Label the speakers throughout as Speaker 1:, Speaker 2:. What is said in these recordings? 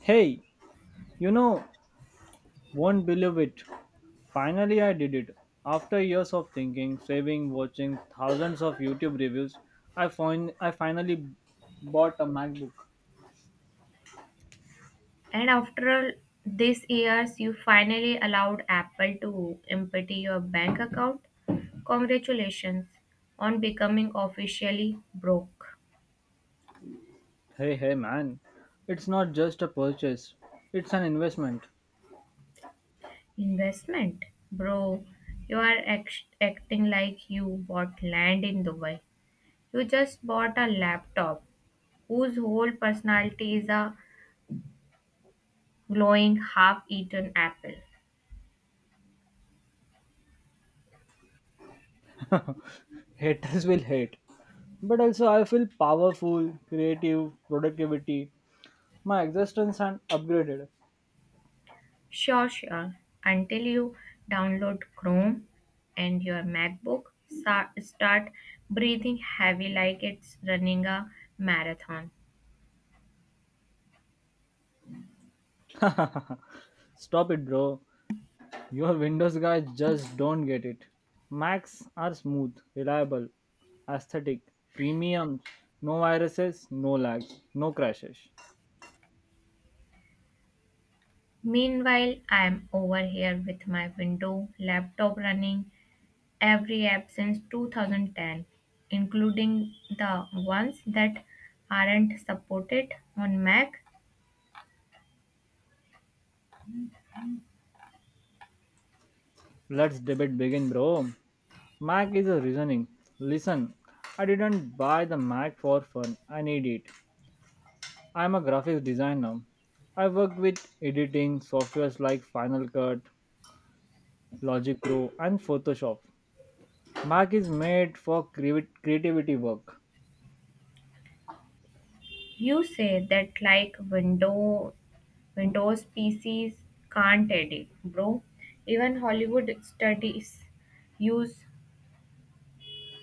Speaker 1: Hey, you know, won't believe it. Finally, I did it. After years of thinking, saving, watching thousands of YouTube reviews, I finally bought a MacBook.
Speaker 2: And after all these years, you finally allowed Apple to empty your bank account. Congratulations on becoming officially broke.
Speaker 1: Hey, hey, man, it's not just a purchase; it's an investment.
Speaker 2: Investment? Bro, you are acting like you bought land in Dubai. You just bought a laptop whose whole personality is a glowing half eaten apple.
Speaker 1: Haters will hate, but also I feel powerful, creative, productivity. My existence and upgraded.
Speaker 2: Sure, sure. Until you download Chrome and your MacBook start breathing heavy like it's running a marathon.
Speaker 1: Stop it, bro. Your Windows guys just don't get it. Macs are smooth, reliable, aesthetic, premium, no viruses, no lags, no crashes.
Speaker 2: Meanwhile, I am over here with my window laptop running every app since 2010, including the ones that aren't supported on Mac.
Speaker 1: Let's debate begin, bro. Mac is a reasoning. Listen, I didn't buy the Mac for fun. I need it. I'm a graphics designer. I work with editing softwares like Final Cut, Logic Pro, and Photoshop. Mac is made for creativity work.
Speaker 2: You say that like Windows PCs can't edit, bro. Even Hollywood studies use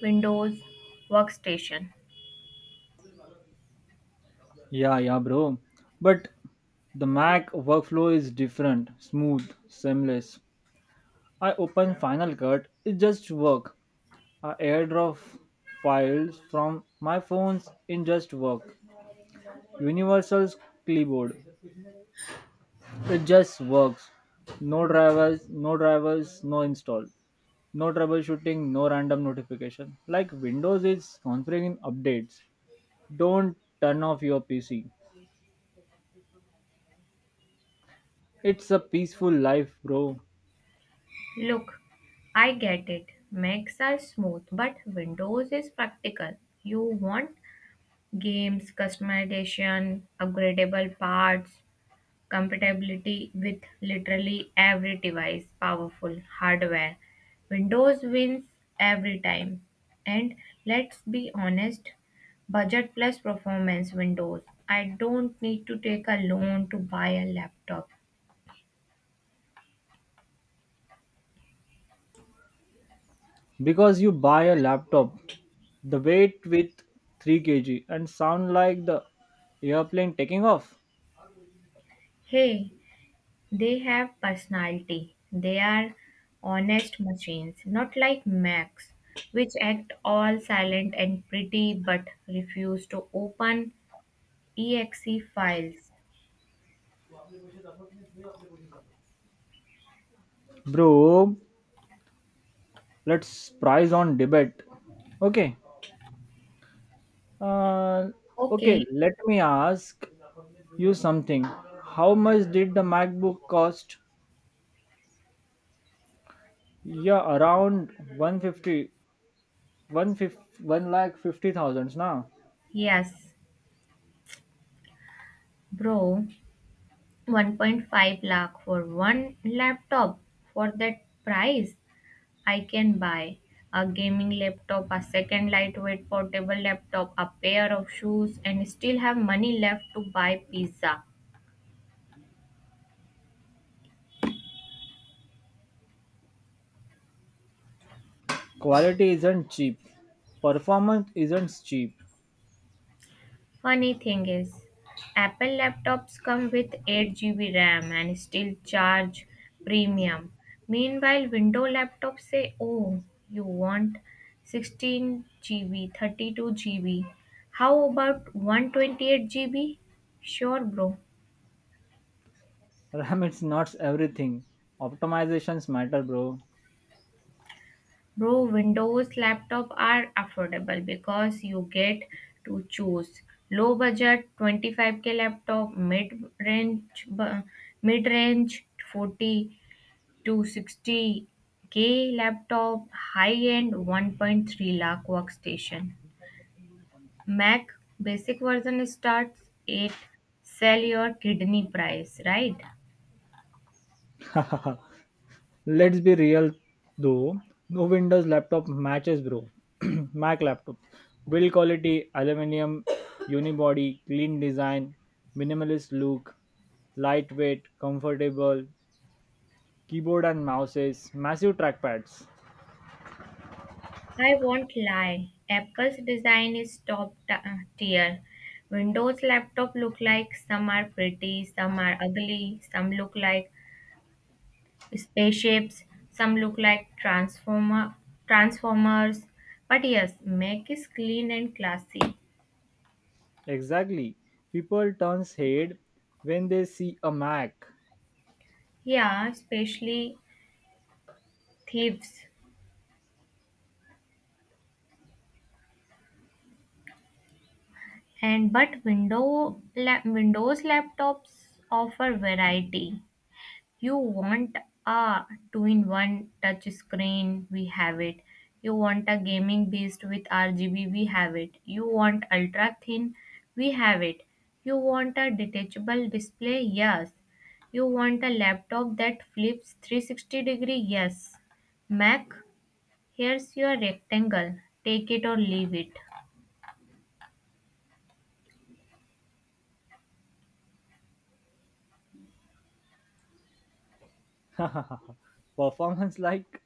Speaker 2: Windows workstation.
Speaker 1: Yeah, yeah, bro. But the Mac workflow is different, smooth, seamless. I open Final Cut, it just work. I airdrop files from my phones, it just work. Universal's clipboard, it just works. No drivers, no install. No troubleshooting, no random notification. Like Windows is configuring updates. Don't turn off your PC. It's a peaceful life, bro.
Speaker 2: Look, I get it. Macs are smooth, but Windows is practical. You want games, customization, upgradable parts, compatibility with literally every device, powerful hardware. Windows wins every time. And let's be honest, budget plus performance Windows. I don't need to take a loan to buy a laptop.
Speaker 1: Because you buy a laptop the weight with 3 kg and sound like the airplane taking off.
Speaker 2: Hey, they have personality. They are honest machines, not like Macs, which act all silent and pretty but refuse to open exe files.
Speaker 1: Bro, let's prize on debate. Okay. Uh,
Speaker 2: Okay,
Speaker 1: okay, let me ask you something. How much did the MacBook cost? Yeah, around one fifty, one fifty, 1,50,000 now.
Speaker 2: yes, bro, 1.5 lakh for one laptop. For that price, I can buy a gaming laptop, a second lightweight portable laptop, a pair of shoes, and still have money left to buy pizza.
Speaker 1: Quality isn't cheap. Performance isn't cheap.
Speaker 2: Funny thing is, Apple laptops come with 8GB RAM and still charge premium. Meanwhile, Windows laptops say, "Oh, you want 16GB, 32GB. How about 128GB?" Sure, bro.
Speaker 1: RAM it's not everything. Optimizations matter, bro.
Speaker 2: Bro, Windows laptop are affordable because you get to choose low budget 25k laptop, range mid range 40 260K laptop, high-end 1.3 lakh workstation. Mac basic version starts at sell your kidney price, right?
Speaker 1: Let's be real though, no Windows laptop matches, bro. Mac laptop. Build quality, aluminum, unibody, clean design, minimalist look, lightweight, comfortable, keyboard and mouses, massive trackpads.
Speaker 2: I won't lie. Apple's design is top tier. Windows laptop look like some are pretty, some are ugly, some look like spaceships, some look like transformers. But yes, Mac is clean and classy.
Speaker 1: Exactly. People turns head when they see a Mac.
Speaker 2: Yeah, especially thieves. And but Windows laptops offer variety. You want a two-in-one touch screen, we have it. You want a gaming beast with RGB, we have it. You want ultra thin, we have it. You want a detachable display, yes. You want a laptop that flips 360 degree, yes. Mac, here's your rectangle. Take it or leave it.
Speaker 1: Performance like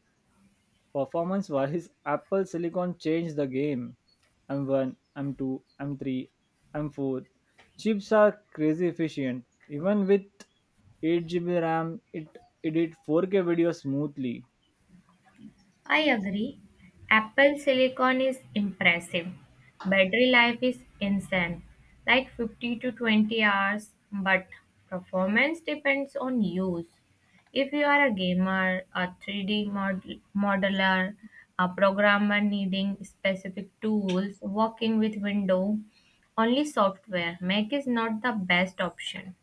Speaker 1: Performance wise, Apple Silicon changed the game. M1, M2, M3, M4. Chips are crazy efficient. Even with 8 GB RAM, it did 4K video smoothly.
Speaker 2: I agree. Apple silicon is impressive. Battery life is insane, like 50 to 20 hours, but performance depends on use. If you are a gamer, a 3D modeler, a programmer needing specific tools, working with Windows, only software, Mac is not the best option.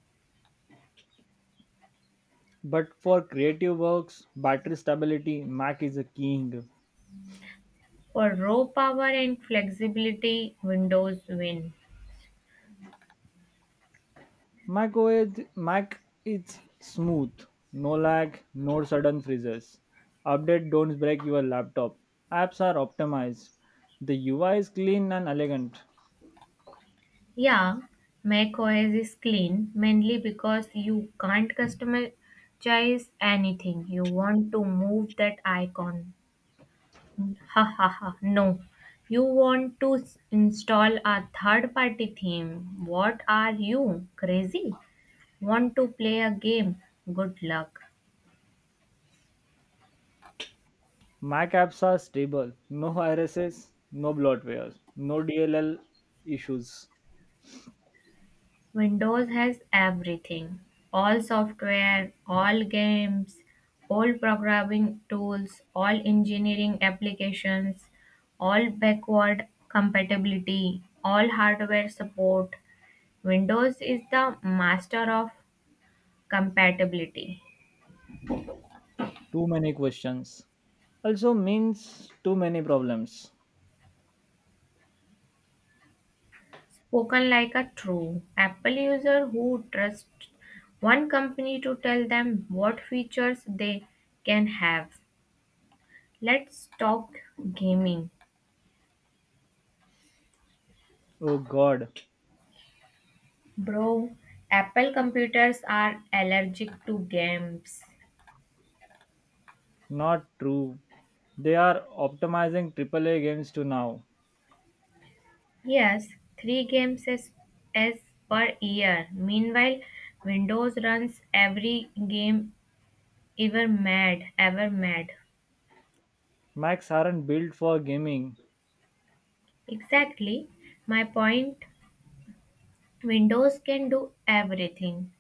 Speaker 1: But for creative works, battery stability, Mac is a king.
Speaker 2: For raw power and flexibility, Windows win.
Speaker 1: Mac OS, Mac is smooth, no lag, no sudden freezes. Update don't break your laptop. Apps are optimized. The UI is clean and elegant.
Speaker 2: Yeah, Mac OS is clean mainly because you can't customize anything. You want to move that icon. Ha ha ha. No. You want to install a third party theme. What are you? Crazy? Want to play a game? Good luck.
Speaker 1: Mac apps are stable. No viruses, no bloatware, no DLL issues.
Speaker 2: Windows has everything: all software, all games, all programming tools, all engineering applications, all backward compatibility, all hardware support. Windows is the master of compatibility.
Speaker 1: Too many questions. Also means too many problems.
Speaker 2: Spoken like a true Apple user who trusts one company to tell them what features they can have. Let's talk gaming.
Speaker 1: Oh god,
Speaker 2: Bro, Apple computers are allergic to games.
Speaker 1: not true. They are optimizing AAA games to now.
Speaker 2: Yes, three games is per year. Meanwhile, Windows runs every game ever mad.
Speaker 1: Macs aren't built for gaming.
Speaker 2: Exactly. My point Windows can do everything.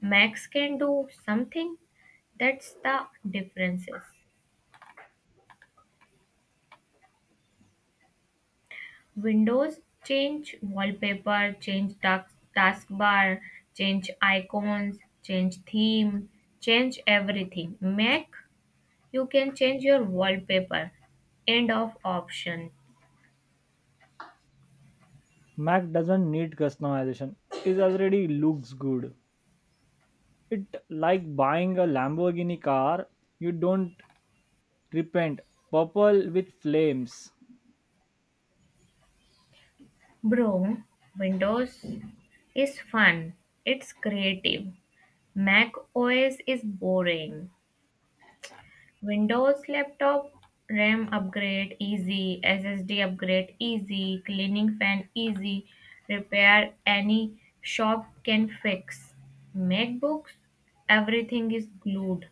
Speaker 2: Macs can do something. That's the differences. Windows change wallpaper, change task, taskbar, change icons, change theme, change everything. Mac, you can change your wallpaper. End of option.
Speaker 1: Mac doesn't need customization. It already looks good. It like buying a Lamborghini car. You don't repent. Purple with flames.
Speaker 2: Bro, Windows is fun. It's creative. Mac OS is boring. Windows laptop RAM upgrade easy, SSD upgrade easy, cleaning fan easy, repair any shop can fix. MacBooks everything is glued,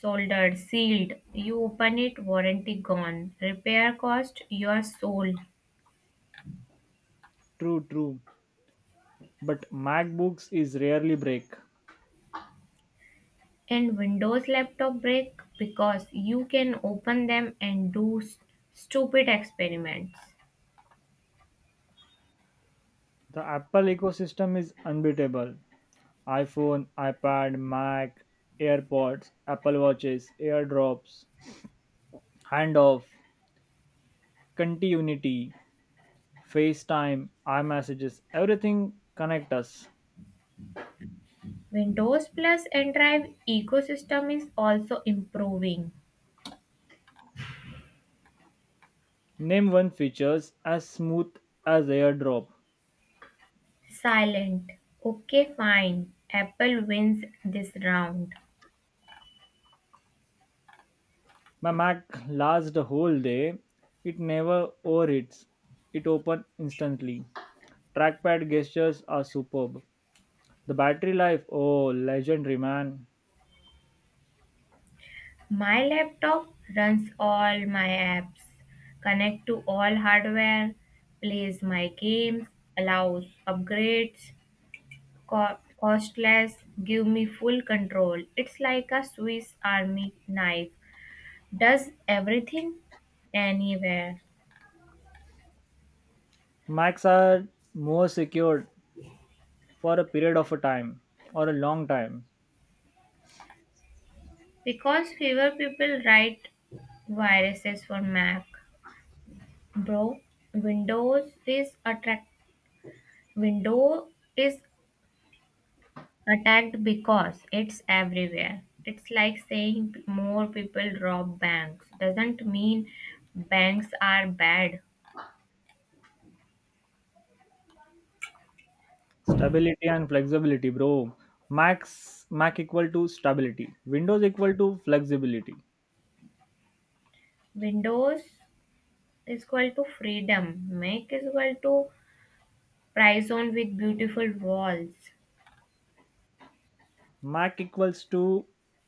Speaker 2: soldered, sealed. You open it, warranty gone. Repair cost your soul.
Speaker 1: True, true. But MacBooks is rarely break.
Speaker 2: And Windows laptop break because you can open them and do stupid experiments.
Speaker 1: The Apple ecosystem is unbeatable. iPhone, iPad, Mac, AirPods, Apple Watches, AirDrops, Handoff, Conti Unity, FaceTime, iMessages, everything connect us.
Speaker 2: Windows Plus and Drive ecosystem is also improving.
Speaker 1: Name one features as smooth as AirDrop.
Speaker 2: Silent. Okay, fine. Apple wins this round.
Speaker 1: My Mac lasts the whole day. It never overheats. It opens instantly. Trackpad gestures are superb. The battery life, oh, legendary man.
Speaker 2: My laptop runs all my apps, connect to all hardware, plays my games, allows upgrades, costless, give me full control. It's like a Swiss Army knife. Does everything anywhere.
Speaker 1: Macs are more secured for a period of a time or a long time.
Speaker 2: Because fewer people write viruses for Mac, bro. Windows is attract Window is attacked because it's everywhere. It's like saying more people rob banks. Doesn't mean banks are bad.
Speaker 1: Stability and flexibility, bro. Mac equal to stability. Windows equal to flexibility.
Speaker 2: Windows is equal to freedom. Mac is equal to prison with beautiful walls.
Speaker 1: Mac equals to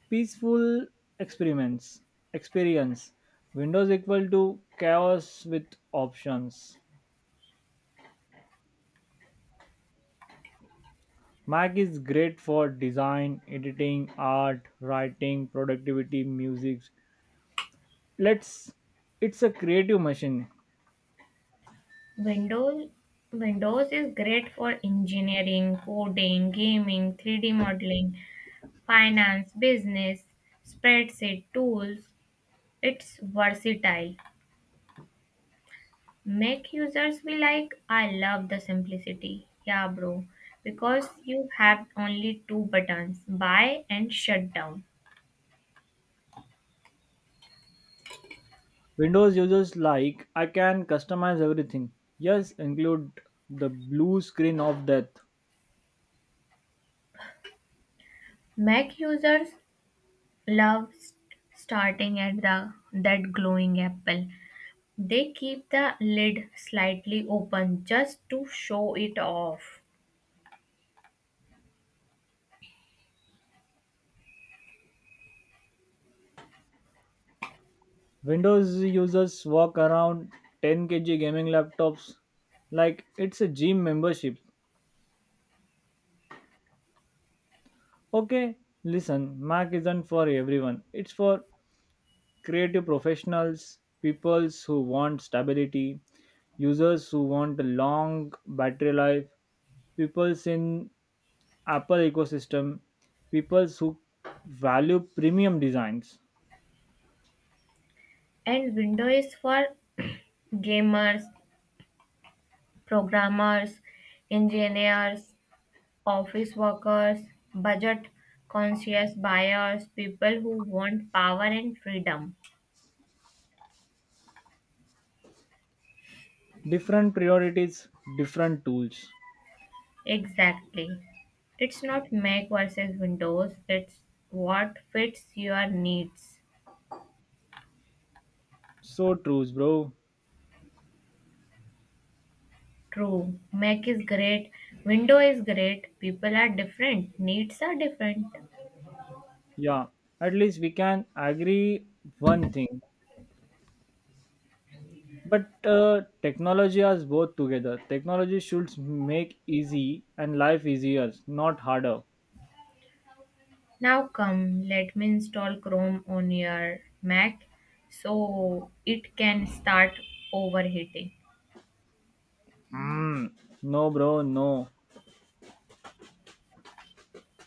Speaker 1: peaceful experiments experience. Windows equal to chaos with options. Mac is great for design, editing, art, writing, productivity, music, let's it's a creative machine.
Speaker 2: Windows Windows is great for engineering, coding, gaming, 3D modeling, finance, business, spreadsheet tools. It's versatile. Make users be like, I love the simplicity. Yeah, bro. Because you have only two buttons, buy and shut down.
Speaker 1: Windows users like, I can customize everything. Yes, include the blue screen of death.
Speaker 2: Mac users love starting at the that glowing apple. They keep the lid slightly open just to show it off.
Speaker 1: Windows users walk around 10 kg gaming laptops like it's a gym membership. Okay, listen, Mac isn't for everyone. It's for creative professionals, peoples who want stability, users who want a long battery life, peoples in Apple ecosystem, peoples who value premium designs.
Speaker 2: And window is for gamers, programmers, engineers, office workers, budget conscious buyers, people who want power and freedom.
Speaker 1: Different priorities, different tools.
Speaker 2: Exactly. It's not Mac versus Windows, it's what fits your needs.
Speaker 1: So trues, bro.
Speaker 2: True. Mac is great. Window is great. People are different. Needs are different.
Speaker 1: Yeah, at least we can agree one thing. But technology has both together. Technology should make easy and life easier, not harder.
Speaker 2: Now come, let me install Chrome on your Mac so it can start overheating.
Speaker 1: Mm, no, bro, no.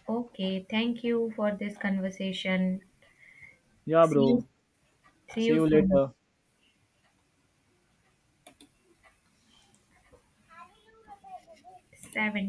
Speaker 2: Okay, thank you for this conversation.
Speaker 1: Yeah,
Speaker 2: See you
Speaker 1: bro.
Speaker 2: See
Speaker 1: See
Speaker 2: you
Speaker 1: you
Speaker 2: soon.
Speaker 1: later.
Speaker 2: 7